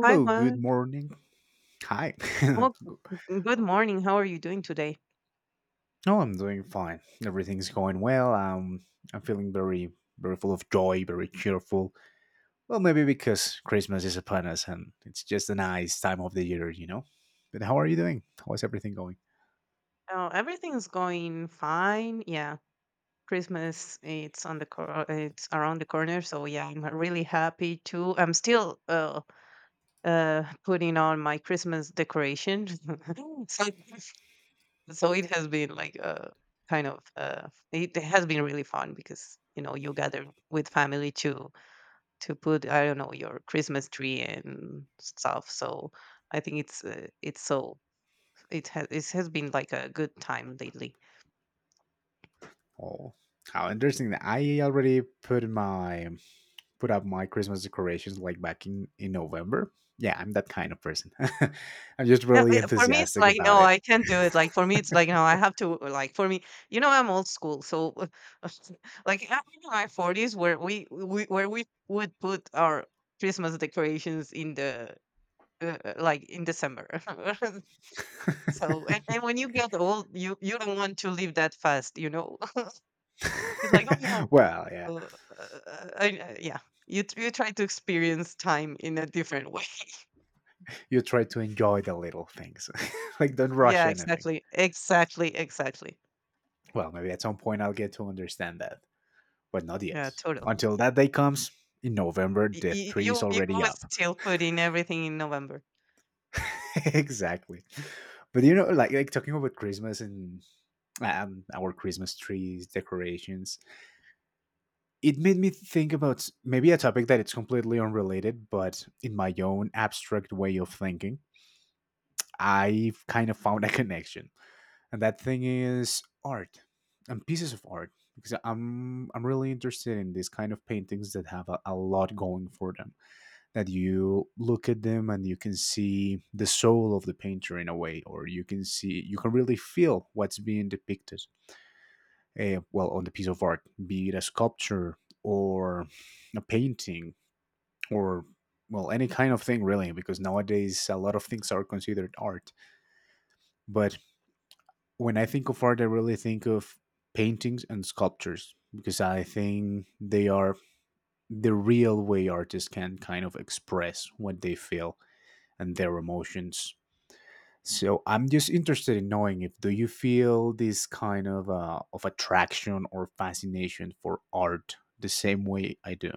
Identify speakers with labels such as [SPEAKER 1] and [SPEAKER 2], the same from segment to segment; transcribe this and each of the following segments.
[SPEAKER 1] Hi,
[SPEAKER 2] good
[SPEAKER 1] Juan.
[SPEAKER 2] morning. Hi.
[SPEAKER 1] Oh,
[SPEAKER 2] oh,
[SPEAKER 1] good morning. How are you doing today?
[SPEAKER 2] I'm doing fine. Everything's going well. I'm feeling very full of joy, very cheerful. Well, maybe because Christmas is upon us and it's just a nice time of the year, you know? But how are you doing? How's everything going?
[SPEAKER 1] Oh, everything's going fine. Yeah, Christmas it's around the corner, so yeah, I'm really happy too. I'm still putting on my Christmas decoration. so so it has been like kind of it has been really fun because you know you gather with family to put I don't know your Christmas tree and stuff. So I think it's so. It has been like a good time lately.
[SPEAKER 2] Oh, how interesting. I already put up my Christmas decorations like back in November. Yeah, I'm that kind of person. I'm just
[SPEAKER 1] No,
[SPEAKER 2] really
[SPEAKER 1] for me, it's
[SPEAKER 2] enthusiastic
[SPEAKER 1] like
[SPEAKER 2] about
[SPEAKER 1] no,
[SPEAKER 2] it.
[SPEAKER 1] I can't do it. Like for me, it's like no, I have to. Like for me, you know, I'm old school, so like I'm in my 40s, where we would put our Christmas decorations in the like in December. So, and when you get old, you don't want to live that fast. You know, it's like oh my god,
[SPEAKER 2] Well, yeah,
[SPEAKER 1] uh, yeah. You try to experience time in a different way.
[SPEAKER 2] you try to enjoy the little things. Like don't rush
[SPEAKER 1] Yeah,
[SPEAKER 2] anything.
[SPEAKER 1] exactly, exactly, exactly.
[SPEAKER 2] Well, maybe at some point I'll get to understand that, but not yet.
[SPEAKER 1] Yeah, totally.
[SPEAKER 2] Until that day comes in November,
[SPEAKER 1] Y-
[SPEAKER 2] the
[SPEAKER 1] y-
[SPEAKER 2] tree is
[SPEAKER 1] You you
[SPEAKER 2] already
[SPEAKER 1] always
[SPEAKER 2] up.
[SPEAKER 1] still put in everything in November.
[SPEAKER 2] Exactly. But you know, like talking about Christmas and our Christmas trees decorations, it made me think about maybe a topic that it's completely unrelated, but in my own abstract way of thinking, I've kind of found a connection, and that thing is art and pieces of art because I'm really interested in these kind of paintings that have a lot going for them, that you look at them and you can see the soul of the painter in a way, or you can see, you can really feel what's being depicted. Well, on the piece of art, be it a sculpture or a painting or well any kind of thing really, because nowadays a lot of things are considered art. But when I think of art, I really think of paintings and sculptures because I think they are the real way artists can kind of express what they feel and their emotions. So I'm just interested in knowing, if do you feel this kind of attraction or fascination for art the same way I do?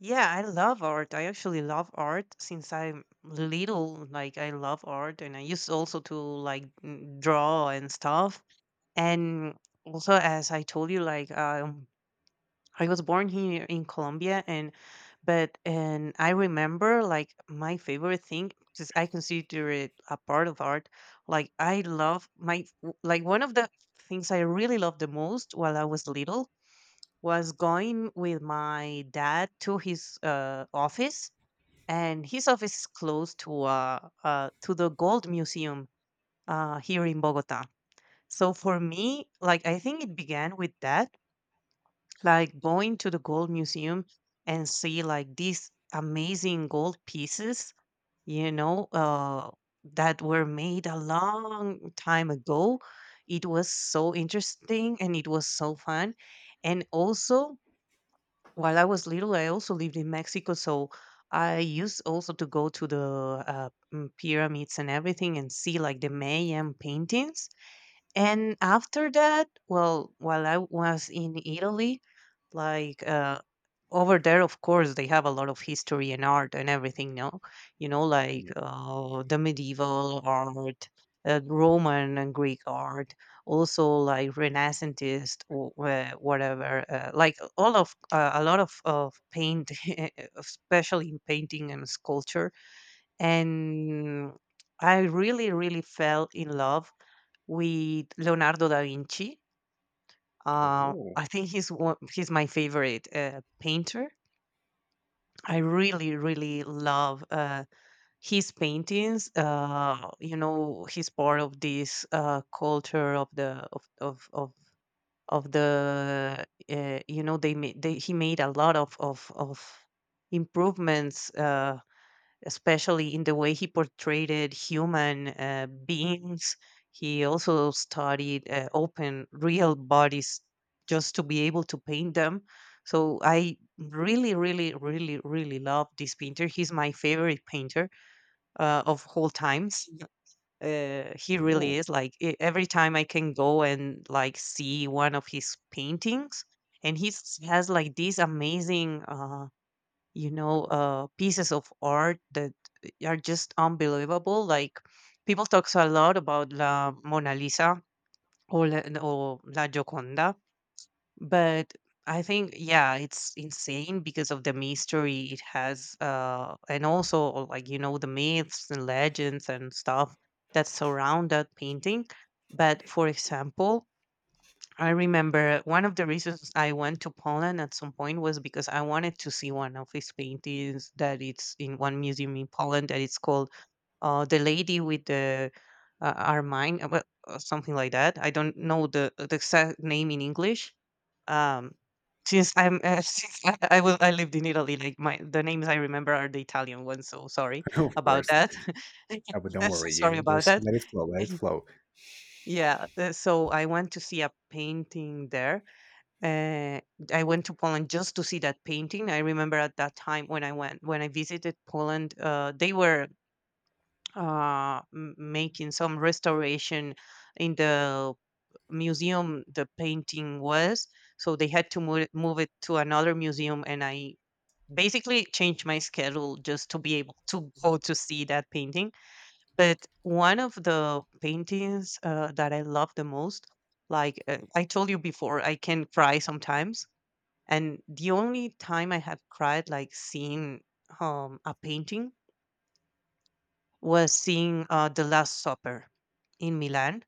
[SPEAKER 1] Yeah, I love art. I actually love art since I'm little. Like I love art, and I used also to like draw and stuff. And also, as I told you, like I was born here in Colombia and I remember like my favorite thing because I consider it a part of art. Like I love like one of the things I really loved the most while I was little was going with my dad to his office, and his office is close to the gold museum here in Bogota. So for me, like I think it began with that, like going to the gold museum and see like these amazing gold pieces, you know, that were made a long time ago. It was so interesting and it was so fun. And also, while I was little, I also lived in Mexico, so I used also to go to the pyramids and everything and see like the Mayan paintings. And after that, well, while I was in Italy, like over there, of course, they have a lot of history and art and everything. No, you know, like
[SPEAKER 2] Yeah.
[SPEAKER 1] the medieval art, Roman and Greek art, also like Renaissantist or whatever. Like all of a lot of paint, especially in painting and sculpture. And I really, really fell in love with Leonardo da Vinci.
[SPEAKER 2] Oh,
[SPEAKER 1] I think he's my favorite painter. I really, really love his paintings. You know, he's part of this culture of the you know he made a lot of improvements, especially in the way he portrayed human beings. He also studied open, real bodies just to be able to paint them. So I really, really, really, really love this painter. He's my favorite painter of all times. He really
[SPEAKER 2] oh.
[SPEAKER 1] is. Like every time I can go and like see one of his paintings, and he has like this amazing. You know, pieces of art that are just unbelievable. Like people talks a lot about La Mona Lisa or La Gioconda, but I think yeah, it's insane because of the mystery it has, and also like, you know, the myths and legends and stuff that surround that painting. But for example, I remember one of the reasons I went to Poland at some point was because I wanted to see one of his paintings that it's in one museum in Poland that it's called "The Lady with the Ermine," well, something like that. I don't know the the exact name in English. Um, since I'm Since I lived in Italy, like my the names I remember are the Italian ones. So sorry
[SPEAKER 2] Of
[SPEAKER 1] about
[SPEAKER 2] course.
[SPEAKER 1] that.
[SPEAKER 2] But don't
[SPEAKER 1] I'm so
[SPEAKER 2] worry,
[SPEAKER 1] sorry
[SPEAKER 2] you
[SPEAKER 1] about
[SPEAKER 2] just
[SPEAKER 1] that.
[SPEAKER 2] let it flow, let it flow.
[SPEAKER 1] Yeah, so I went to see a painting there, uh, I went to Poland just to see that painting. I remember at that time when I visited Poland, they were making some restoration in the museum the painting was. So they had to move it to another museum. And I basically changed my schedule just to be able to go to see that painting. But one of the paintings that I love the most, like I told you before, I can cry sometimes, and the only time I have cried, like seeing a painting, was seeing The Last Supper in Milan.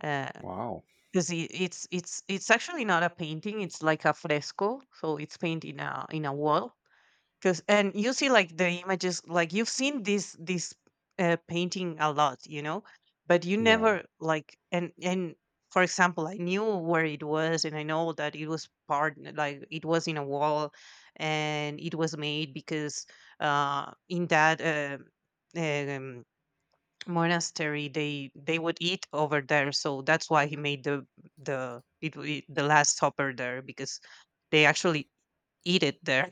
[SPEAKER 1] Because
[SPEAKER 2] Wow.
[SPEAKER 1] it's actually not a painting; it's like a fresco, so it's painted in a wall, because and you see like the images, like you've seen this painting a lot, you know, but you
[SPEAKER 2] Yeah.
[SPEAKER 1] never like and for example, I knew where it was, and I know that it was part like it was in a wall, and it was made because in that um, monastery, they would eat over there, so that's why he made the it, it the last supper there because they actually eat it there,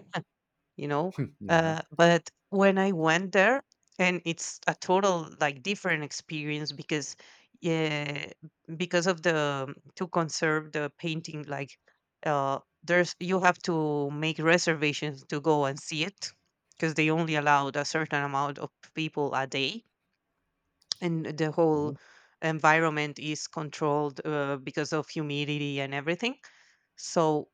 [SPEAKER 1] you know.
[SPEAKER 2] Yeah.
[SPEAKER 1] But when I went there, and it's a total like different experience because, yeah, because of the to conserve the painting, like there's you have to make reservations to go and see it because they only allowed a certain amount of people a day, and the whole
[SPEAKER 2] Oh,
[SPEAKER 1] environment is controlled, because of humidity and everything. so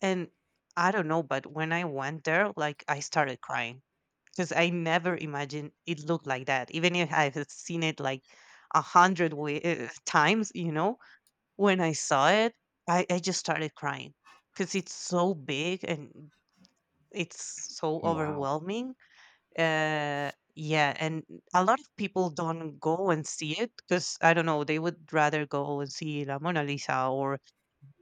[SPEAKER 1] and I don't know, but when I went there, like, I started crying because I never imagined it looked like that. Even if I have seen it like a hundred times, you know, when I saw it, I just started crying because it's so big and it's so
[SPEAKER 2] wow.
[SPEAKER 1] overwhelming. Yeah. And a lot of people don't go and see it because, I don't know, they would rather go and see La Mona Lisa or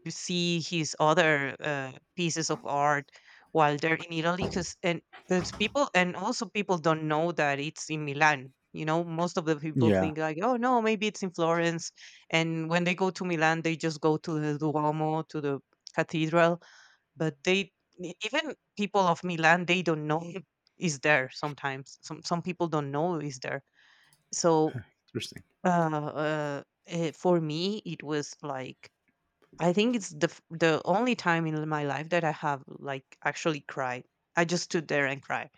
[SPEAKER 1] to see his other pieces of art while they're in Italy, because and there's people, and also people don't know that it's in Milan. You know, most of the people
[SPEAKER 2] Yeah.
[SPEAKER 1] think like, oh no, maybe it's in Florence. And when they go to Milan, they just go to the Duomo, to the cathedral. But even people of Milan, they don't know it is there sometimes. Some people don't know is there. So,
[SPEAKER 2] Interesting.
[SPEAKER 1] uh, for me, it was like, I think it's the only time in my life that I have like actually cried. I just stood there and cried.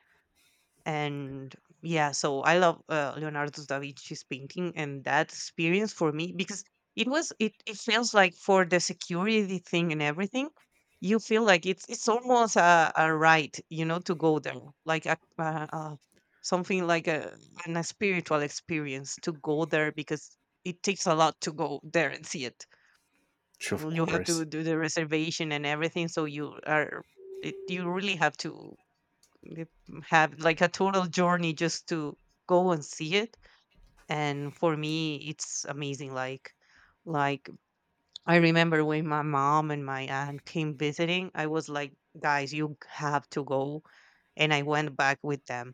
[SPEAKER 1] And yeah, so I love Leonardo da Vinci's painting, and that experience for me, because it was it it feels like, for the security thing and everything, you feel like it's almost a right, you know, to go there. Like something like a spiritual experience to go there because it takes a lot to go there and see it.
[SPEAKER 2] Sure, of
[SPEAKER 1] Mm, you have to
[SPEAKER 2] course.
[SPEAKER 1] do the reservation and everything, so you really have to uh, have like a total journey just to go and see it, and for me it's amazing, like, like I remember when my mom and my aunt came visiting. I was like, guys, you have to go. And I went back with them.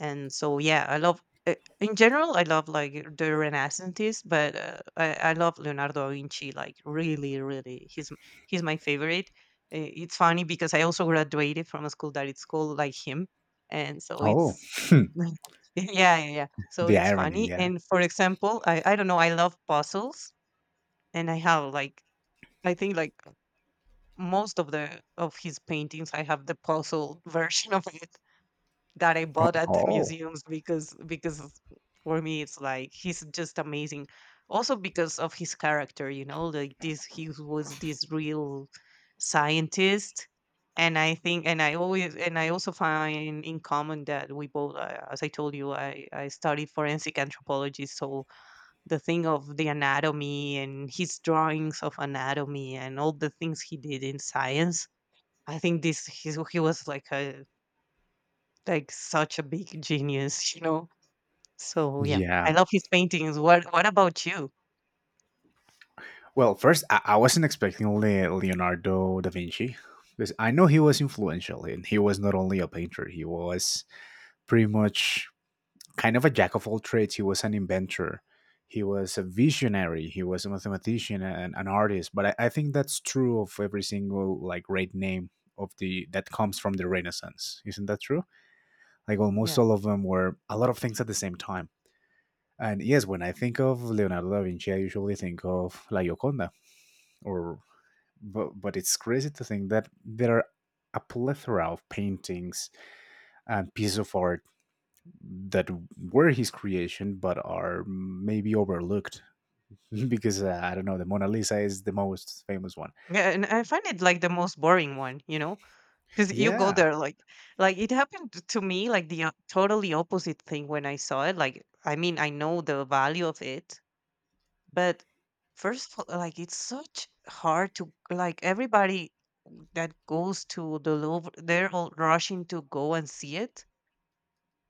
[SPEAKER 1] And so yeah, I love, in general I love like the renaissances, but I love Leonardo da Vinci, like, really really he's my favorite. It's funny because I also graduated from a school that it's called like him, and so
[SPEAKER 2] Oh,
[SPEAKER 1] it's yeah, yeah yeah, so
[SPEAKER 2] the
[SPEAKER 1] it's
[SPEAKER 2] irony.
[SPEAKER 1] funny.
[SPEAKER 2] Yeah.
[SPEAKER 1] And for example, I don't know, I love puzzles, and I have like, I think like most of his paintings I have the puzzle version of it that I bought at the
[SPEAKER 2] Oh.
[SPEAKER 1] museums, because for me it's like he's just amazing. Also because of his character, you know, like this he was this real scientist. And I think, and I always, and I also find in common that we both, as I told you, I studied forensic anthropology. So the thing of the anatomy and his drawings of anatomy and all the things he did in science, I think he was like a like such a big genius, you know. So yeah, I
[SPEAKER 2] Yeah.
[SPEAKER 1] love his paintings. What about you?
[SPEAKER 2] Well, first, I wasn't expecting Leonardo da Vinci because I know he was influential and he was not only a painter, he was pretty much kind of a jack of all trades. He was an inventor, he was a visionary, he was a mathematician and an artist. But I think that's true of every single like great name of the that comes from the Renaissance. Isn't that true? Like almost
[SPEAKER 1] Yeah,
[SPEAKER 2] all of them were a lot of things at the same time. And yes, when I think of Leonardo da Vinci, I usually think of La Gioconda or, but it's crazy to think that there are a plethora of paintings and pieces of art that were his creation but are maybe overlooked because I don't know, the Mona Lisa is the most famous one.
[SPEAKER 1] yeah, and I find it like the most boring one, you know, because you go
[SPEAKER 2] Yeah.
[SPEAKER 1] there like it happened to me like the totally opposite thing when I saw it. Like, I mean, I know the value of it, but first of all, like it's such hard to like everybody that goes to the Louvre, they're all rushing to go and see it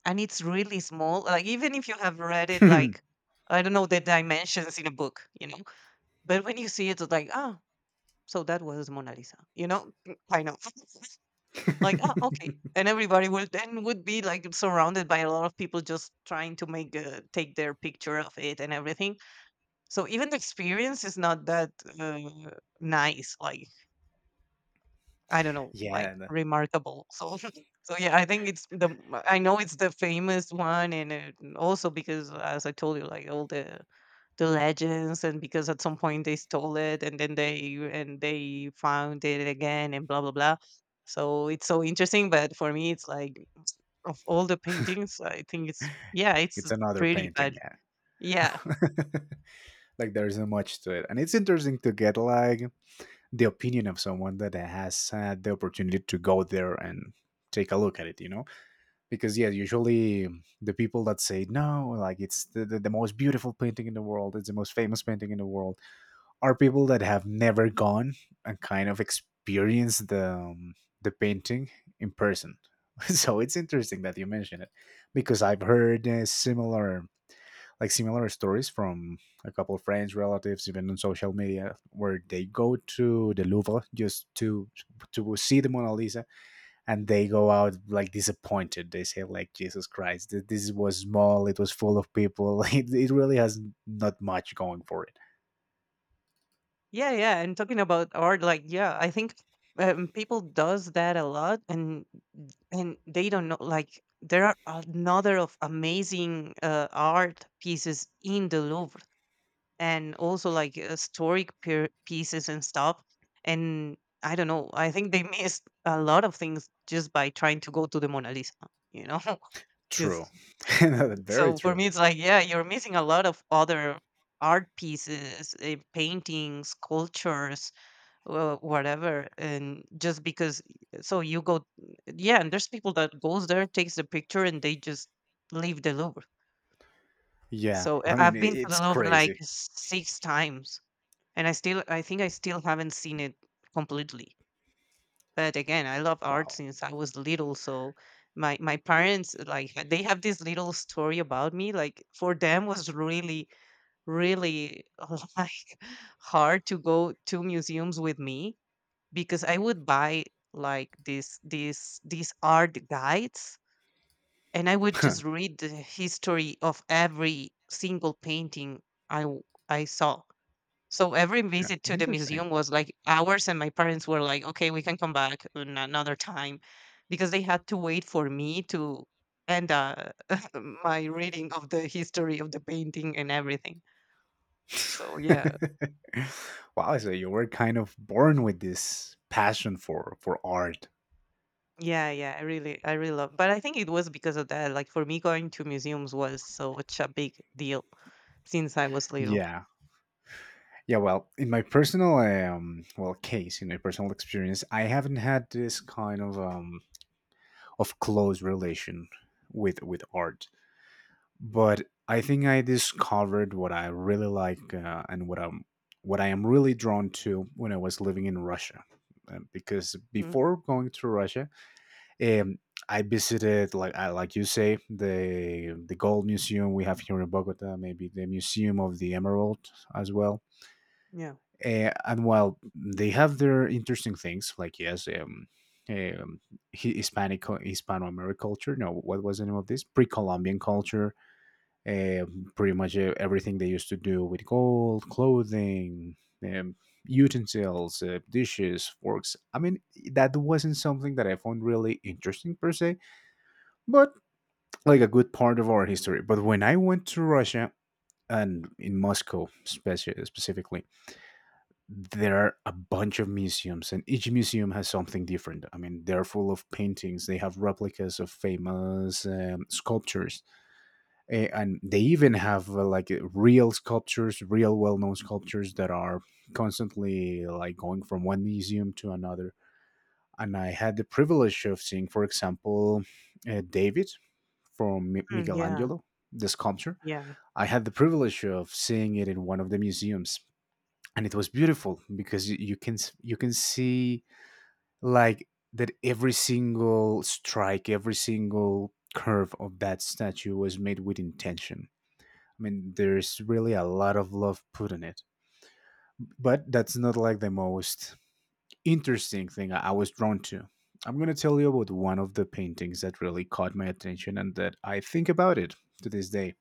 [SPEAKER 1] and it's really small. Like even if you have read it,
[SPEAKER 2] Yeah,
[SPEAKER 1] like I don't know the dimensions in a book, you know. But when you see it, it's like ah, so that was Mona Lisa, you know, kind of like ah, okay. And everybody would then would be like surrounded by a lot of people just trying to make take their picture of it and everything. So even the experience is not that uh, nice. Like I don't know, like
[SPEAKER 2] the-
[SPEAKER 1] remarkable. So, so yeah, I think it's the. I know it's the famous one, and it, also because, as I told you, like all the legends, and because at some point they stole it, and then they found it again, and blah blah blah. So it's so interesting, but for me, it's like of all the paintings, I think it's yeah, it's
[SPEAKER 2] it's another
[SPEAKER 1] pretty,
[SPEAKER 2] painting,
[SPEAKER 1] but
[SPEAKER 2] yeah.
[SPEAKER 1] yeah,
[SPEAKER 2] Like there's not much to it. And it's interesting to get like the opinion of someone that has had the opportunity to go there and take a look at it, you know? Because yeah usually the people that say no like it's the most beautiful painting in the world, it's the most famous painting in the world, are people that have never gone and kind of experienced the painting in person. So it's interesting that you mention it because I've heard similar, like similar stories from a couple of friends, relatives, even on social media, where they go to the Louvre just to see the Mona Lisa and they go out like disappointed. They say like Jesus Christ, this was small. It was full of people. It really has not much going for it.
[SPEAKER 1] yeah, yeah. And talking about art, like yeah, I think people does that a lot, and they don't know, like there are another of amazing art pieces in the Louvre, and also like historic pieces and stuff. And I don't know, I think they missed a lot of things just by trying to go to the Mona Lisa, you know?
[SPEAKER 2] True,
[SPEAKER 1] Because
[SPEAKER 2] very
[SPEAKER 1] so for
[SPEAKER 2] true.
[SPEAKER 1] me, it's like, yeah, you're missing a lot of other art pieces, paintings, sculptures, well, whatever and just because eh, so you go yeah and there's people that goes there takes the picture and they just leave the Louvre.
[SPEAKER 2] Yeah,
[SPEAKER 1] So I-
[SPEAKER 2] I mean
[SPEAKER 1] i've been to the
[SPEAKER 2] it's
[SPEAKER 1] Louvre like
[SPEAKER 2] crazy.
[SPEAKER 1] six times and I still I think I still haven't seen it completely. But again, I love art
[SPEAKER 2] Wow,
[SPEAKER 1] since I was little. So my parents, like they have this little story about me, like for them was really really like hard to go to museums with me because I would buy like this these art guides and I would just read the history of every single painting I w- I saw. So every visit to the
[SPEAKER 2] interesting.
[SPEAKER 1] museum was like hours and my parents were like, "Okay, we can come back in another time." Because they had to wait for me to end my reading of the history of the painting and everything. So yeah,
[SPEAKER 2] Wow, so you were kind of born with this passion for art.
[SPEAKER 1] yeah, yeah, I really love. But I think it was because of that. Like for me, going to museums was such a big deal since I was little.
[SPEAKER 2] Yeah. Yeah, well, in my personal well case, in my personal experience, I haven't had this kind of close relation with art. But I think I discovered what I really like, and what I'm, what I am really drawn to when I was living in Russia. Because
[SPEAKER 1] Mm,
[SPEAKER 2] before going to Russia, um, I visited, like I, like you say, the gold museum we have here in Bogota, maybe the museum of the emerald as well.
[SPEAKER 1] yeah,
[SPEAKER 2] And while they have their interesting things, like yes, um, Hispanic Hispano American culture. No, what was the name of this? Pre-Columbian culture. Pretty much everything they used to do with gold, clothing, um, utensils, dishes, forks. I mean, that wasn't something that I found really interesting per se, but like a good part of our history. But when I went to Russia and in Moscow specifically, there are a bunch of museums, and each museum has something different. I mean, they're full of paintings. They have replicas of famous sculptures. And they even have like real sculptures, real well-known sculptures that are constantly like going from one museum to another, and I had the privilege of seeing, for example, David from
[SPEAKER 1] mm, yeah,
[SPEAKER 2] Michelangelo, the sculpture.
[SPEAKER 1] yeah.
[SPEAKER 2] I had the privilege of seeing it in one of the museums, and it was beautiful because you can you can see like that every single strike, every single curve of that statue was made with intention. I mean, there's really a lot of love put in it, but that's not like the most interesting thing I was drawn to. I'm going to tell you about one of the paintings that really caught my attention and that I think about it to this day.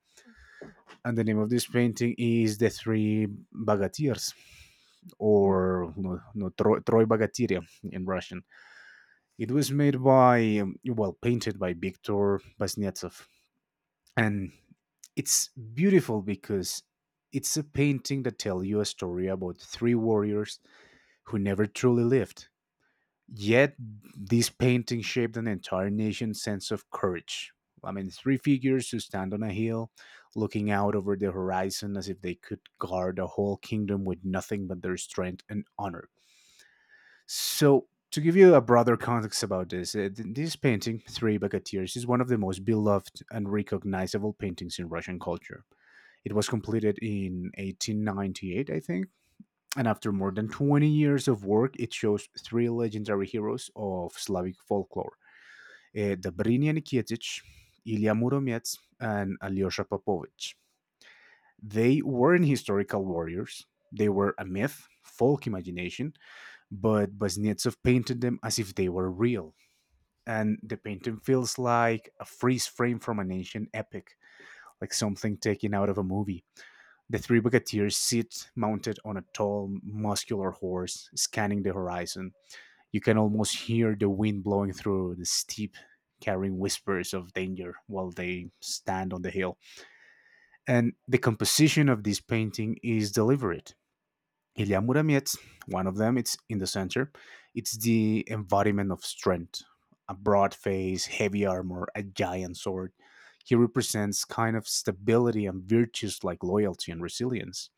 [SPEAKER 2] And the name of this painting is The Three Bagatirs, or no, Troy Bagatiria in Russian. It was made by, well, painted by Viktor Kuznetsov. And it's beautiful because it's a painting that tells you a story about three warriors who never truly lived. Yet, this painting shaped an entire nation's sense of courage. I mean, three figures who stand on a hill, looking out over the horizon as if they could guard a whole kingdom with nothing but their strength and honor. So, to give you a broader context about this, this painting, Three Bucketeers, is one of the most beloved and recognizable paintings in Russian culture. It was completed in 1898, I think, and after more than 20 years of work, it shows three legendary heroes of Slavic folklore, Dobrynja Nikitich, Ilya Muromets, and Alyosha Popovich. They weren't historical warriors, they were a myth, folk imagination, but Baznetsov painted them as if they were real. And the painting feels like a freeze frame from an ancient epic, like something taken out of a movie. The three bucketeers sit mounted on a tall, muscular horse, scanning the horizon. You can almost hear the wind blowing through the steep, carrying whispers of danger while they stand on the hill. And the composition of this painting is deliberate. Ilya Muromets, one of them, it's in the center. It's the embodiment of strength, a broad face, heavy armor, a giant sword. He represents kind of stability and virtues like loyalty and resilience.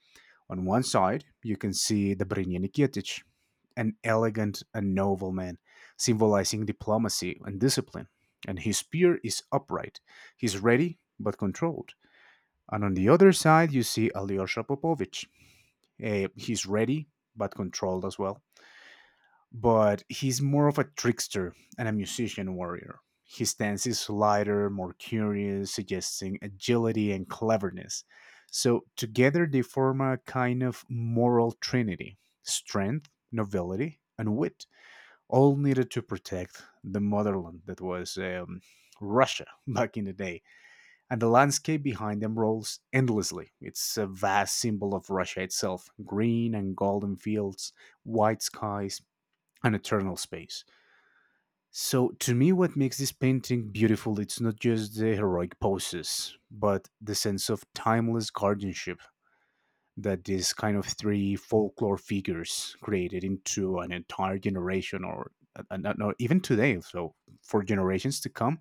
[SPEAKER 2] On one side, you can see Dobrynya Nikitich, an elegant and noble man, symbolizing diplomacy and discipline, and his spear is upright. He's ready but controlled. And on the other side, you see Alyosha Popovich. Eh, he's ready but controlled as well, but he's more of a trickster and a musician warrior. His stance is lighter, more curious, suggesting agility and cleverness. So together they form a kind of moral trinity, strength, nobility, and wit, all needed to protect the motherland that was Russia back in the day. And the landscape behind them rolls endlessly. It's a vast symbol of Russia itself, green and golden fields, white skies, an eternal space. So, to me, what makes this painting beautiful, it's not just the heroic poses, but the sense of timeless guardianship that these kind of three folklore figures created into an entire generation, or even today, so for generations to come,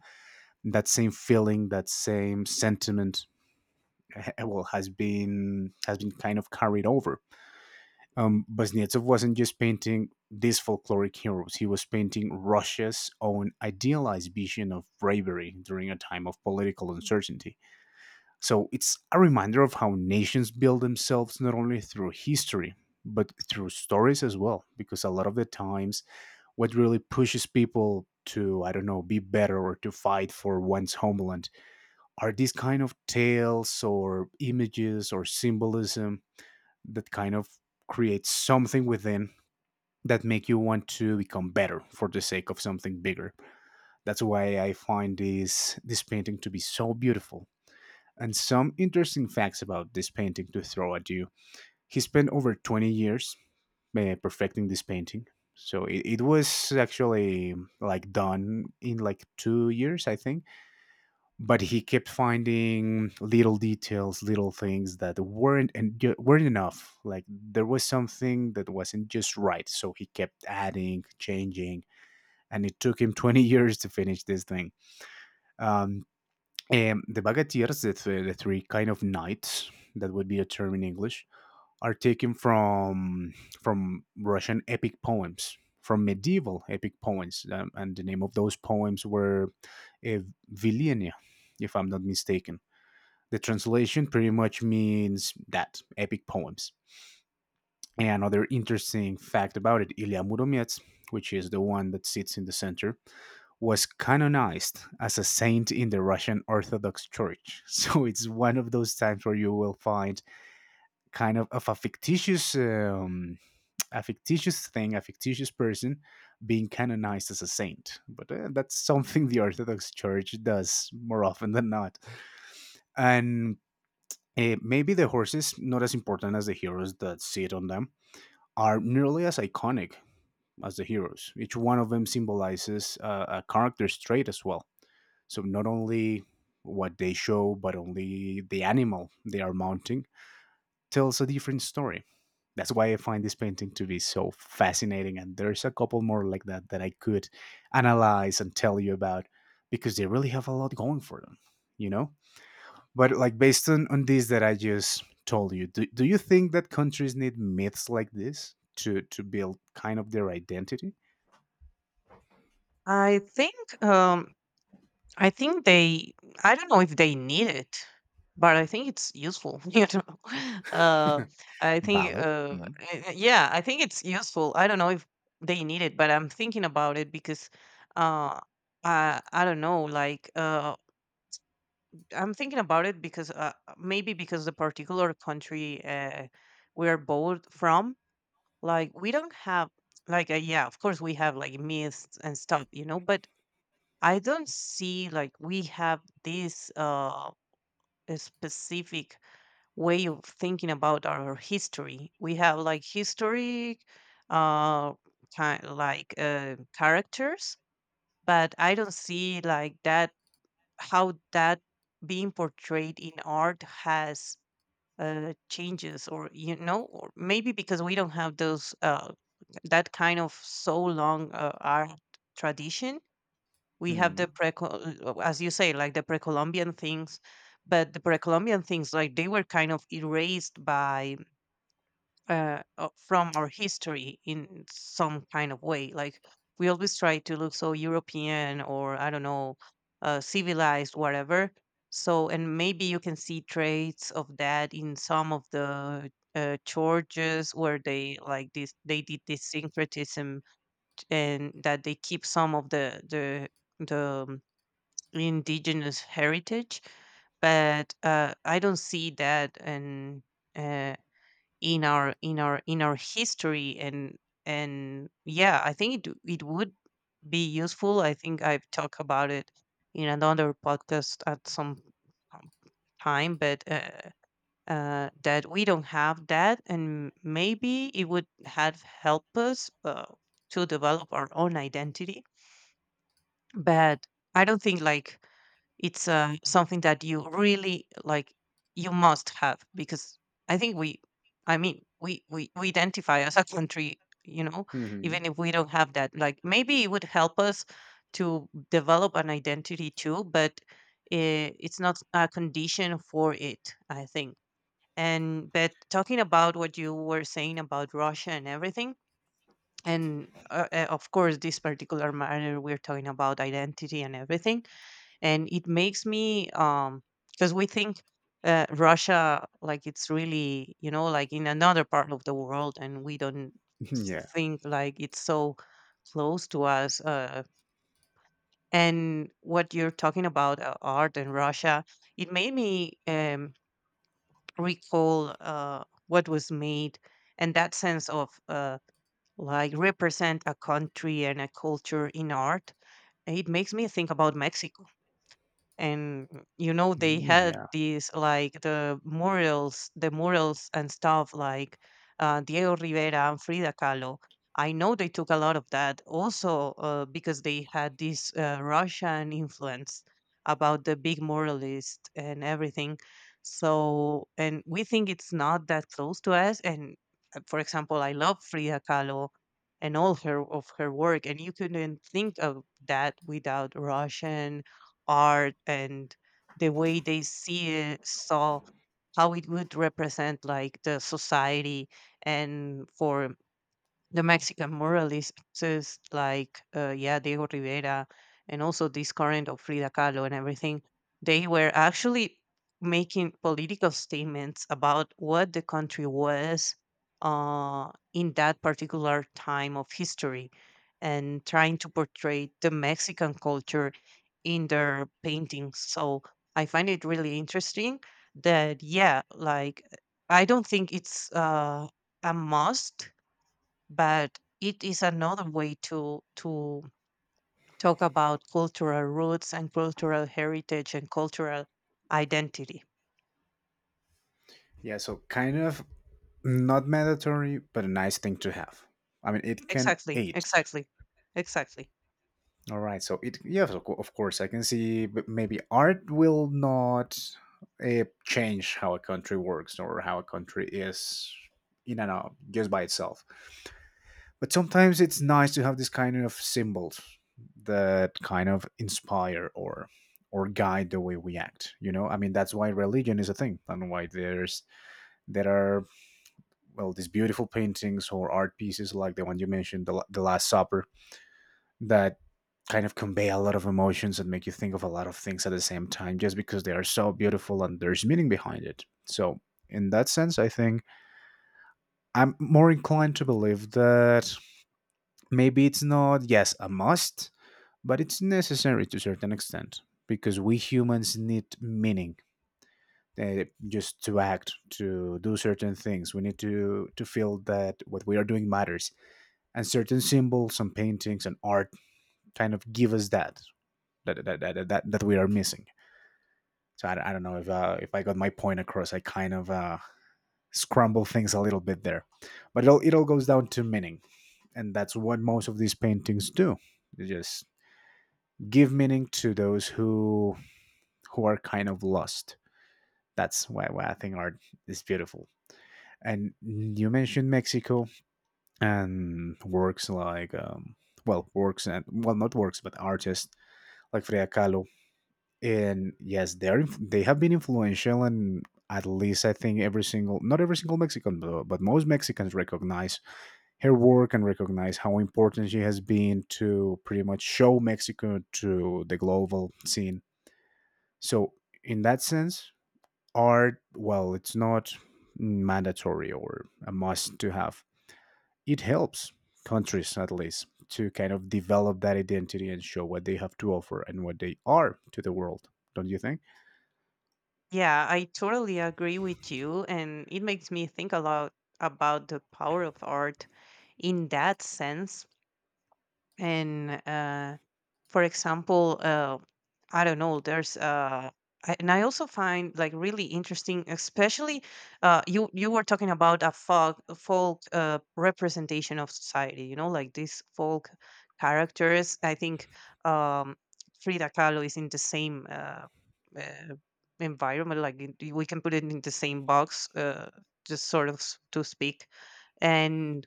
[SPEAKER 2] that same feeling, that same sentiment, well has been kind of carried over. Um, Kuznetsov wasn't just painting these folkloric heroes, he was painting Russia's own idealized vision of bravery during a time of political uncertainty. So it's a reminder of how nations build themselves not only through history, but through stories as well, because a lot of the times, what really pushes people to, I don't know, be better or to fight for one's homeland are these kind of tales or images or symbolism that kind of creates something within that make you want to become better for the sake of something bigger. That's why I find this painting to be so beautiful. And some interesting facts about this painting to throw at you. He spent over 20 years perfecting this painting. So it was actually like done in like 2 years, I think. But he kept finding little details, little things that weren't and weren't enough. Like there was something that wasn't just right. So he kept adding, changing, and it took him 20 years to finish this thing. Um, and the bagatiers, the three kind of knights, that would be a term in English, are taken from Russian epic poems, from medieval epic poems, and the name of those poems were uh, Vilenia, if I'm not mistaken. The translation pretty much means that epic poems. And another interesting fact about it, Ilya Muromets, which is the one that sits in the center, was canonized as a saint in the Russian Orthodox Church. So it's one of those times where you will find kind of a fictitious thing, a fictitious person being canonized as a saint. But that's
[SPEAKER 1] Mhm.
[SPEAKER 2] something the Orthodox Church does more often than not. And maybe the horses, not as important as the heroes that sit on them, are nearly as iconic as the heroes. Each one of them symbolizes a character's trait as well. So not only what they show, but only the animal they are mounting tells a different story. That's why I find this painting to be so fascinating. And there's a couple more like that that I could analyze and tell you about because they really have a lot going for them, you know? But like based on this that I just told you, do you think that countries need myths like this to build kind of their identity?
[SPEAKER 1] I think, um, I think they. I don't know if they need it, but I think it's useful. You know, uh, I think,
[SPEAKER 2] Valid.
[SPEAKER 1] yeah, I think it's useful. I don't know if they need it, but I'm thinking about it because, uh, I don't know, like, I'm thinking about it because maybe because the particular country we're both from, like we don't have like yeah, of course we have like myths and stuff, you know, but I don't see like we have this a specific way of thinking about our history. We have like history uh kind like characters, but I don't see like that how that being portrayed in art has changes or you know or maybe because we don't have those, that kind of so long art tradition. We have
[SPEAKER 2] Hmm.
[SPEAKER 1] the pre, as you say, like the pre-Columbian things, but the pre-Columbian things like they were kind of erased by from our history in some kind of way. Like we always try to look so European or I don't know, civilized, whatever. So, and maybe you can see traits of that in some of the churches where they like this, they did this syncretism and that they keep some of the indigenous heritage. But I don't see that and uh, in our in our history and yeah I think it, it would be useful. I think I've talked about it in another podcast at some um, time but that we don't have that and maybe it would have helped us to develop our own identity. But I don't think like it's something that you really like. You must have because I think we, I mean, we identify as a country. You know, even if we don't have that, like maybe it would help us to develop an identity too. But eh, it's not a condition for it. I think. And but talking about what you were saying about Russia and everything, and of course this particular matter we're talking about identity and everything, and it makes me because we think Russia like it's really you know like in another part of the world and we don't
[SPEAKER 2] Yeah.
[SPEAKER 1] think like it's so close to us and what you're talking about art in Russia, it made me recall what was made and that sense of like represent a country and a culture in art. It makes me think about Mexico and mm, you know they
[SPEAKER 2] Mm, yeah.
[SPEAKER 1] had these like the murals and stuff like Diego Rivera and Frida Kahlo. I know they took a lot of that also because they had this Russian influence about the big muralist and everything. So and we think it's not that close to us and for example I love Frida Kahlo and all her of her work and you couldn't think of that without Russian art and the way they see it, saw how it would represent like the society. And for the Mexican muralists like yeah, Diego Rivera and also this current of Frida Kahlo and everything, they were actually making political statements about what the country was in that particular time of history and trying to portray the Mexican culture in their paintings. So I find it really interesting that yeah, like I don't think it's a must, but it is another way to talk about cultural roots and cultural heritage and cultural identity.
[SPEAKER 2] Yeah. So, kind of not mandatory, but a nice thing to have. I mean, it can
[SPEAKER 1] Exactly,
[SPEAKER 2] aid.
[SPEAKER 1] exactly, exactly.
[SPEAKER 2] All right, so it yeah, of course, I can see, but maybe art will not change how a country works or how a country is in and out just by itself. But sometimes it's nice to have this kind of symbols that kind of inspire or guide the way we act. You know, I mean, that's why religion is a thing, and why there are well these beautiful paintings or art pieces like the one you mentioned, the last supper that kind of convey a lot of emotions and make you think of a lot of things at the same time just because they are so beautiful and there's meaning behind it. So in that sense, I think I'm more inclined to believe that maybe it's not yes a must, but it's necessary to a certain extent because we humans need meaning. Just to act, to do certain things, we need to feel that what we are doing matters, and certain symbols and paintings and art kind of give us that we are missing. So I don't know if I got my point across. I kind of scramble things a little bit there, but it all goes down to meaning, and that's what most of these paintings do. They just give meaning to those who are kind of lost. That's why I think art is beautiful. And you mentioned Mexico and works like well works and well not works but artists like Frida Kahlo. And yes, they have been influential, and at least I think every single not every single Mexican, but most Mexicans recognize her work and recognize how important she has been to pretty much show Mexico to the global scene. So in that sense, art well, it's not mandatory or a must to have. It helps countries at least to kind of develop that identity and show what they have to offer and what they are to the world. Don't you think?
[SPEAKER 1] Yeah, I totally agree with you and it makes me think a lot about the power of art in that sense. And for example, I don't know, there's I, and I also find like really interesting, especially you were talking about a folk representation of society, you know, like these folk characters. I think um, Frida Kahlo is in the same uh, environment, like in- we can put it in the same box, just sort of to speak. And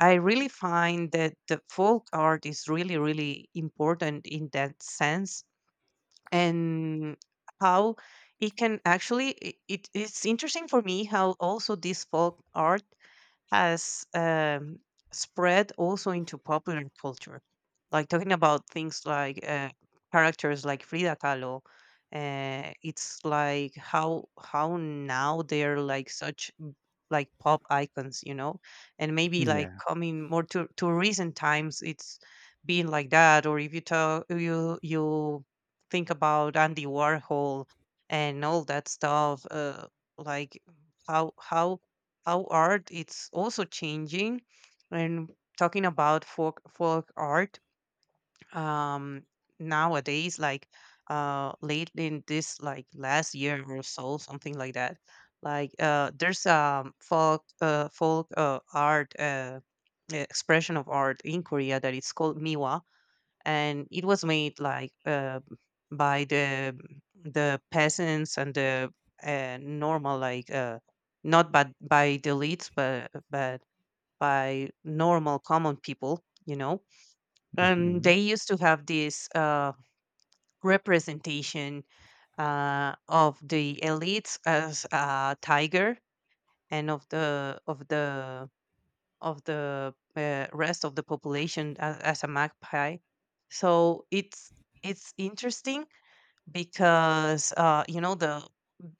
[SPEAKER 1] I really find that the folk art is really really important in that sense. And how it can actually it, it's interesting for me how also this folk art has spread also into popular culture. Like talking about things like characters like Frida Kahlo, it's like how now they're like such like pop icons, you know, and maybe like
[SPEAKER 2] Yeah.
[SPEAKER 1] coming more to recent times, it's been like that. Or if you talk, you think about Andy Warhol and all that stuff, like how how how art it's also changing. And talking about folk art um nowadays, like late in this like last year or so something like that, like there's folk art expression of art in Korea that it's called miwa. And it was made like by the peasants and the normal like not but by the elites but by normal common people you know. And
[SPEAKER 2] Mhm.
[SPEAKER 1] they used to have this representation of the elites as a tiger and of the rest of the population as a magpie. So it's interesting because you know the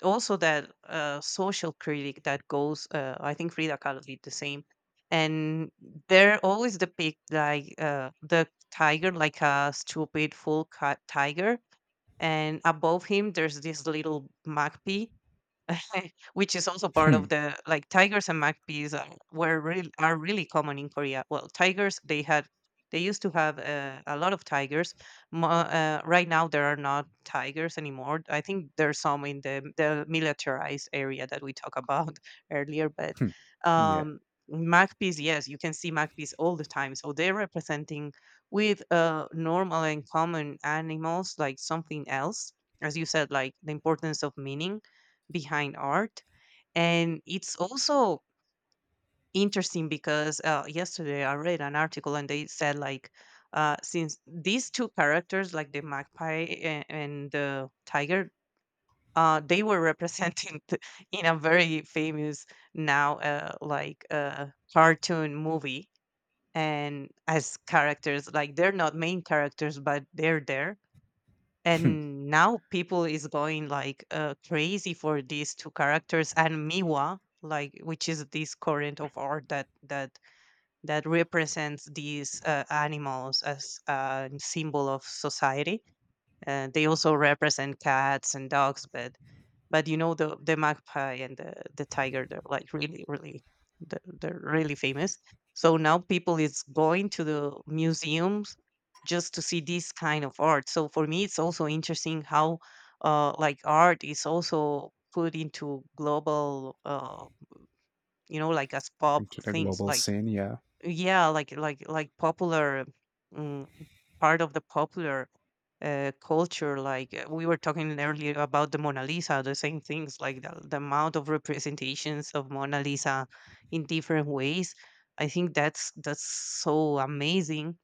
[SPEAKER 1] also that social critic that goes. I think Frida Kahlo did the same, and they're always depict like the tiger like a stupid full cut tiger, and above him there's this little magpie which is also part of
[SPEAKER 2] Hmm,
[SPEAKER 1] the like tigers and magpies are, were really are really common in Korea. Well, tigers they had they used to have a lot of tigers. Right now there are not tigers anymore. I think there's some in the militarized area that we talked about earlier, but
[SPEAKER 2] yeah.
[SPEAKER 1] um, magpies, yes, you can see magpies all the time. So they're representing with normal and common animals like something else, as you said, like the importance of meaning behind art. And it's also interesting because yesterday I read an article and they said, like since these two characters, like the magpie and the tiger, they were representing the, in a very famous now cartoon movie, and as characters, like they're not main characters but they're there. And now people is going like crazy for these two characters and miwa, like, which is this current of art that represents these animals as a symbol of society. Uh, they also represent cats and dogs, but you know, the magpie and the tiger, they're like really, really, they're really famous. So now people is going to the museums just to see this kind of art. So for me, it's also interesting how like art is also put into global, you know, like as pop
[SPEAKER 2] Into the
[SPEAKER 1] things.
[SPEAKER 2] global
[SPEAKER 1] Like
[SPEAKER 2] scene. Yeah.
[SPEAKER 1] yeah, like like popular. Um, Part of the popular culture. Like we were talking earlier about the Mona Lisa, the same things, like the amount of representations of Mona Lisa in different ways. I think that's so amazing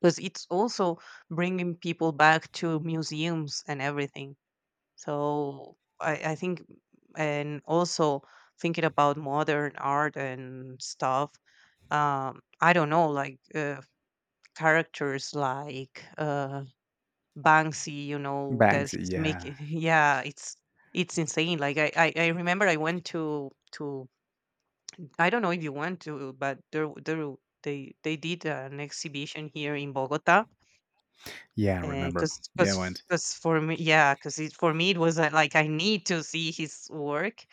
[SPEAKER 1] because it's also bringing people back to museums and everything. So I think, and also thinking about modern art and stuff. I don't know, like characters like. Banksy, you know, that
[SPEAKER 2] Banks.
[SPEAKER 1] he's
[SPEAKER 2] Yeah.
[SPEAKER 1] making. Yeah, it's insane. Like I remember I went to I don't know if you went to, but there they did an exhibition here in Bogota.
[SPEAKER 2] Yeah. I remember.
[SPEAKER 1] Because
[SPEAKER 2] Yeah. I
[SPEAKER 1] because
[SPEAKER 2] went.
[SPEAKER 1] because for me, yeah, because for me it was like I need to see his work,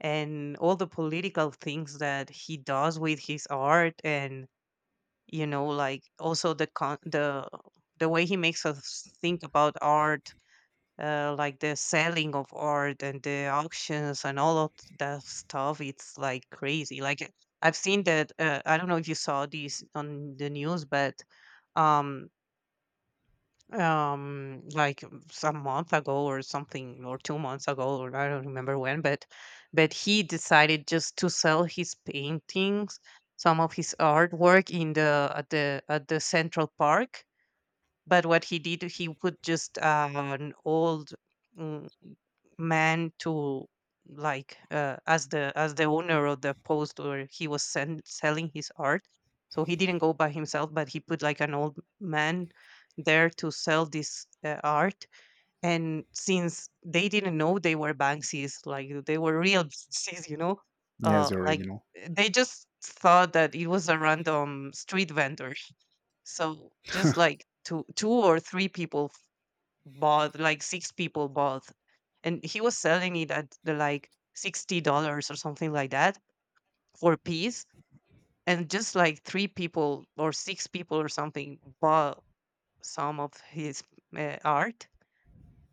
[SPEAKER 1] and all the political things that he does with his art. And you know, like, also the way he makes us think about art, like the selling of art and the auctions and all of that stuff. It's like crazy, like I've seen that. Uh, I don't know if you saw this on the news, but um some month ago or something, or 2 months ago, or I don't remember when, but he decided just to sell his paintings, some of his artwork in the at the central park. But what he did, he put just an old mm, man to like as the owner of the post where he was selling his art. So he didn't go by himself, but he put like an old man there to sell this art. And since they didn't know they were Banksies, like they were real Banksies, you know,
[SPEAKER 2] Yeah. It's the
[SPEAKER 1] like,
[SPEAKER 2] original.
[SPEAKER 1] they just thought that it was a random street vendor. So just like two two or three people f- bought, like six people bought, and he was selling it at the, like, $60 or something like that for a piece, and just like three people or six people or something bought some of his art.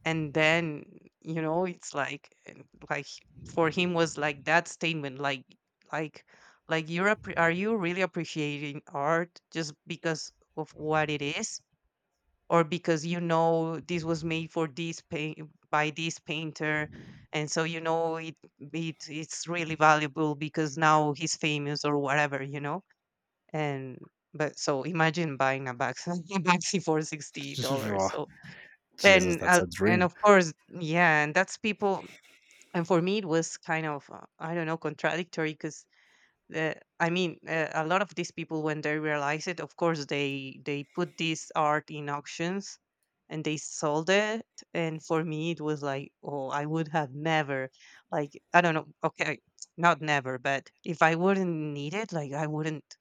[SPEAKER 1] And then you know, it's like like for him was like that statement, like like like you're are you really appreciating art just because of what it is, or because you know this was made for this paint by this painter, and so you know it it's really valuable because now he's famous or whatever, you know. And but so imagine buying a Baxi, a Baxi for $60.
[SPEAKER 2] Oh,
[SPEAKER 1] So
[SPEAKER 2] Jesus,
[SPEAKER 1] and
[SPEAKER 2] that's
[SPEAKER 1] uh,
[SPEAKER 2] a
[SPEAKER 1] and
[SPEAKER 2] dream.
[SPEAKER 1] of course, yeah, and that's people. And for me, it was kind of I don't know, contradictory because uh, I mean, a lot of these people, when they realize it, of course, they put this art in auctions, and they sold it. And for me, it was like, oh, I would have never, like, I don't know. Okay, not never, but if I wouldn't need it, like, I wouldn't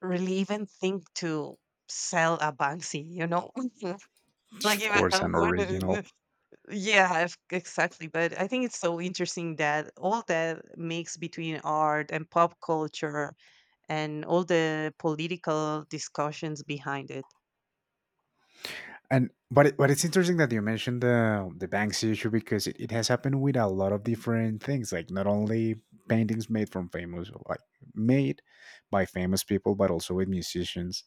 [SPEAKER 1] really even think to sell a Banksy, you know? like,
[SPEAKER 2] Of
[SPEAKER 1] if
[SPEAKER 2] course,
[SPEAKER 1] I
[SPEAKER 2] an original.
[SPEAKER 1] wanted, yeah, exactly. But I think it's so interesting that all that mix between art and pop culture and all the political discussions behind it.
[SPEAKER 2] And but it, but it's interesting that you mentioned the Banksy issue because it has happened with a lot of different things, like not only paintings made from famous, like made by famous people, but also with musicians,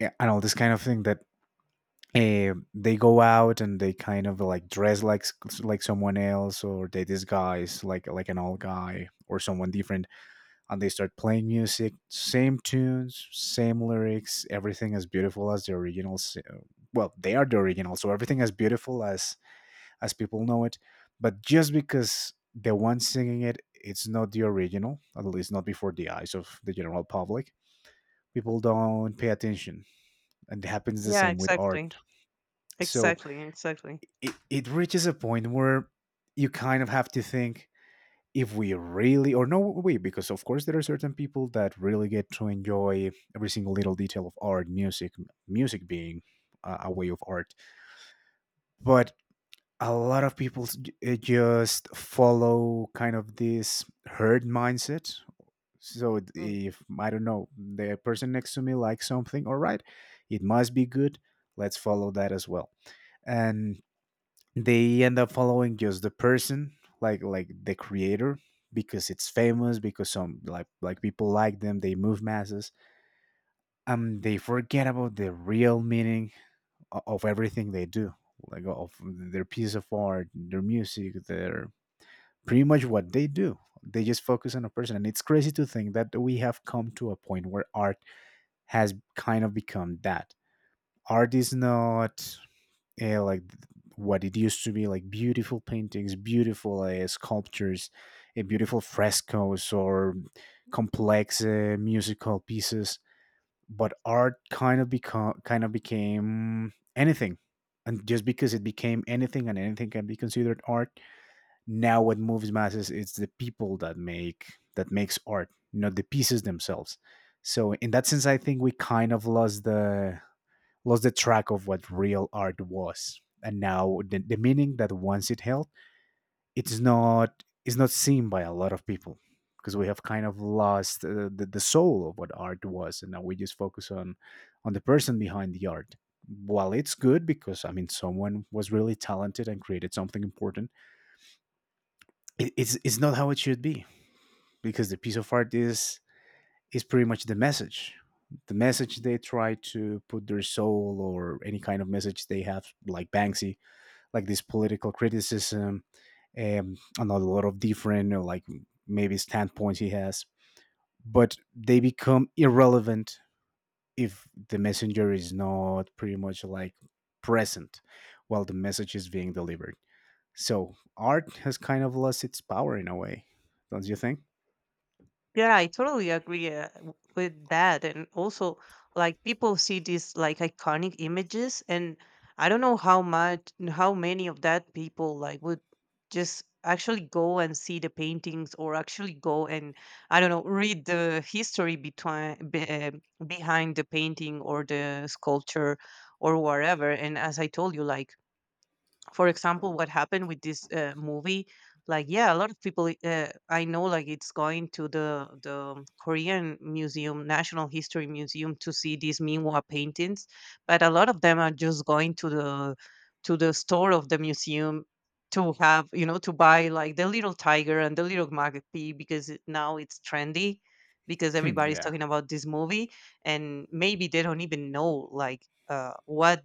[SPEAKER 2] yeah, and all this kind of thing that they go out and they kind of like dress like someone else or they disguise like an old guy or someone different, and they start playing music, same tunes, same lyrics, everything as beautiful as well they are the original, so everything as beautiful as people know it. But just because the one singing it it's not the original, at least not before the eyes of the general public, people don't pay attention. And it happens the
[SPEAKER 1] Yeah,
[SPEAKER 2] same with
[SPEAKER 1] exactly.
[SPEAKER 2] art. So
[SPEAKER 1] Exactly, exactly.
[SPEAKER 2] it reaches a point where you kind of have to think if we really, or no, we, because of course there are certain people that really get to enjoy every single little detail of art, music, music being a way of art. But a lot of people just follow kind of this herd mindset. So if I don't know the person next to me likes something, all right, it must be good, let's follow that as well. And they end up following just the person, like the creator, because it's famous because some like people like them, they move masses. And they forget about the real meaning of everything they do, like of their piece of art, their music, their pretty much what they do, they just focus on a person. And it's crazy to think that we have come to a point where art has kind of become that. Art is not like what it used to be, like beautiful paintings, beautiful sculptures, beautiful frescoes, or complex musical pieces. But art kind of become kind of became anything. And just because it became anything and anything can be considered art, now what moves masses is the people that make that makes art, not the pieces themselves. So in that sense I think we kind of lost the track of what real art was. And now the meaning that once it held, it's not seen by a lot of people because we have kind of lost the soul of what art was, and now we just focus on the person behind the art. While it's good because I mean someone was really talented and created something important, it's not how it should be because the piece of art is pretty much the message, the message they try to put their soul or any kind of message they have, like Banksy, like this political criticism, on a lot of different like maybe standpoints he has, but they become irrelevant if the messenger is not pretty much like present while the message is being delivered. So art has kind of lost its power in a way, don't you think?
[SPEAKER 1] Yeah, I totally agree with that. And also, like, people see these like iconic images, and I don't know how much, how many of that people like would just actually go and see the paintings, or actually go and I don't know, read the history behind the painting or the sculpture or whatever. And as I told you, like, for example, what happened with this movie, like, yeah, a lot of people, I know, like, it's going to the Korean museum, national history museum, to see these minwa paintings. But a lot of them are just going to the store of the museum to have, you know, to buy like the little tiger and the little magpie because now it's trendy, because
[SPEAKER 2] Hmm,
[SPEAKER 1] everybody's
[SPEAKER 2] yeah.
[SPEAKER 1] talking about this movie. And maybe they don't even know like what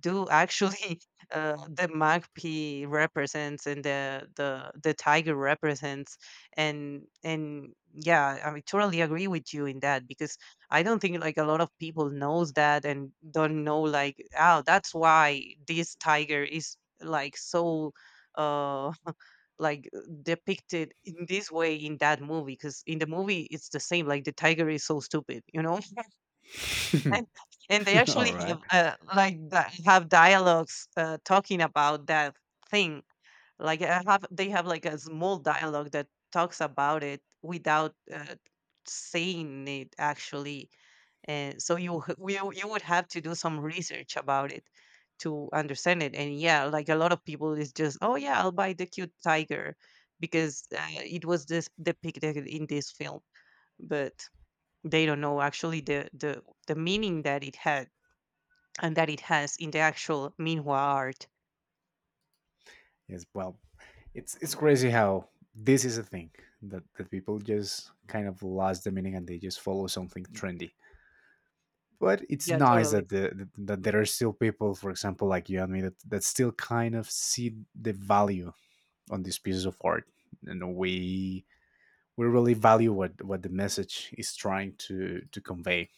[SPEAKER 1] do actually the magpie represents and the tiger represents. And yeah, I mean, totally agree with you in that, because I don't think like a lot of people knows that, and don't know like, oh, that's why this tiger is like so uh like depicted in this way in that movie, because in the movie it's the same, like the tiger is so stupid, you know. and and they
[SPEAKER 2] All
[SPEAKER 1] actually
[SPEAKER 2] right.
[SPEAKER 1] have have dialogues talking about that thing. Like I have, they have like a small dialogue that talks about it without saying it actually. And so you you would have to do some research about it to understand it. And yeah, like a lot of people is just, oh yeah, I'll buy the cute tiger because it was this depicted in this film, but they don't know actually the the meaning that it had, and that it has in the actual Minhwa art.
[SPEAKER 2] Yes well, it's crazy how this is a thing that, that people just kind of lost the meaning and they just follow something trendy. But it's
[SPEAKER 1] Yeah,
[SPEAKER 2] nice
[SPEAKER 1] totally.
[SPEAKER 2] that there are still people, for example, like you and me, that that still kind of see the value on these pieces of art, and we really value what the message is trying to convey.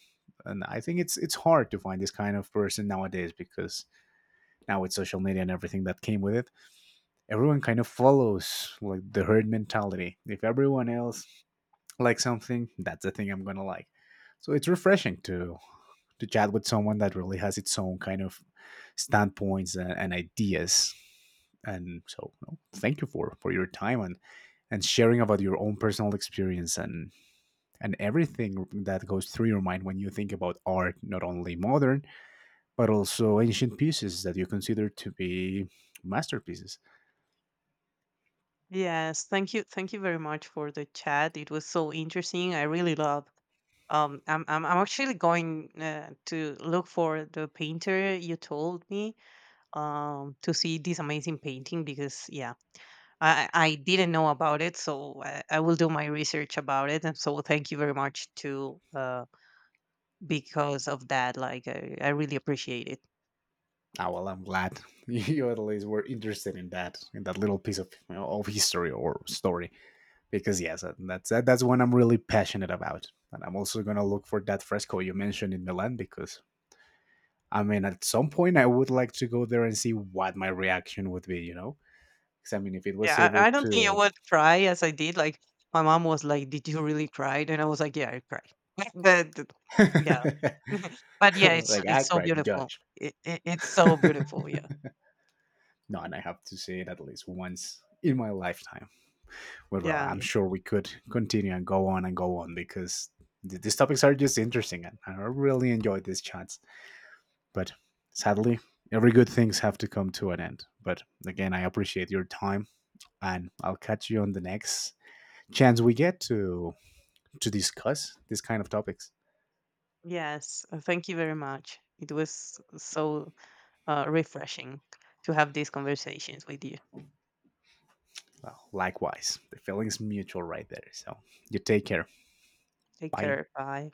[SPEAKER 2] And I think it's hard to find this kind of person nowadays because now with social media and everything that came with it, everyone kind of follows like the herd mentality. If everyone else likes something, that's the thing I'm gonna like. So it's refreshing to chat with someone that really has its own kind of standpoints and ideas. And so, no, thank you for your time and sharing about your own personal experience and everything that goes through your mind when you think about art, not only modern but also ancient pieces that you consider to be masterpieces.
[SPEAKER 1] Yes, thank you very much for the chat. It was so interesting. I really love. I'm I'm actually going to look for the painter you told me. To see this amazing painting, because yeah, I didn't know about it, so I will do my research about it. And so thank you very much to because of that, like I really appreciate it.
[SPEAKER 2] Ah, well, I'm glad you at least were interested in that little piece of you know, of history or story. Because yes, that's one I'm really passionate about, and I'm also gonna look for that fresco you mentioned in Milan because I mean, at some point, I would like to go there and see what my reaction would be, you know? Because I mean, if it was
[SPEAKER 1] Yeah,
[SPEAKER 2] able
[SPEAKER 1] I don't think I
[SPEAKER 2] to,
[SPEAKER 1] would cry as I did. Like my mom was like, did you really cry? And I was like, yeah, I cried. but th- yeah. but yeah,
[SPEAKER 2] like,
[SPEAKER 1] it's
[SPEAKER 2] act
[SPEAKER 1] so
[SPEAKER 2] right,
[SPEAKER 1] beautiful,
[SPEAKER 2] judge.
[SPEAKER 1] it's
[SPEAKER 2] No,
[SPEAKER 1] so beautiful. Yeah,
[SPEAKER 2] and I have to see it at least once in my lifetime. But well,
[SPEAKER 1] yeah.
[SPEAKER 2] I'm sure we could continue and go on because these topics are just interesting, and I really enjoyed this chat. But sadly, every good things have to come to an end. But again, I appreciate your time and I'll catch you on the next chance we get to discuss these kind of topics.
[SPEAKER 1] Yes, thank you very much. It was so refreshing to have these conversations with you.
[SPEAKER 2] Well, likewise, the feeling's mutual right there. So you take care.
[SPEAKER 1] Take
[SPEAKER 2] Bye.
[SPEAKER 1] care. Bye.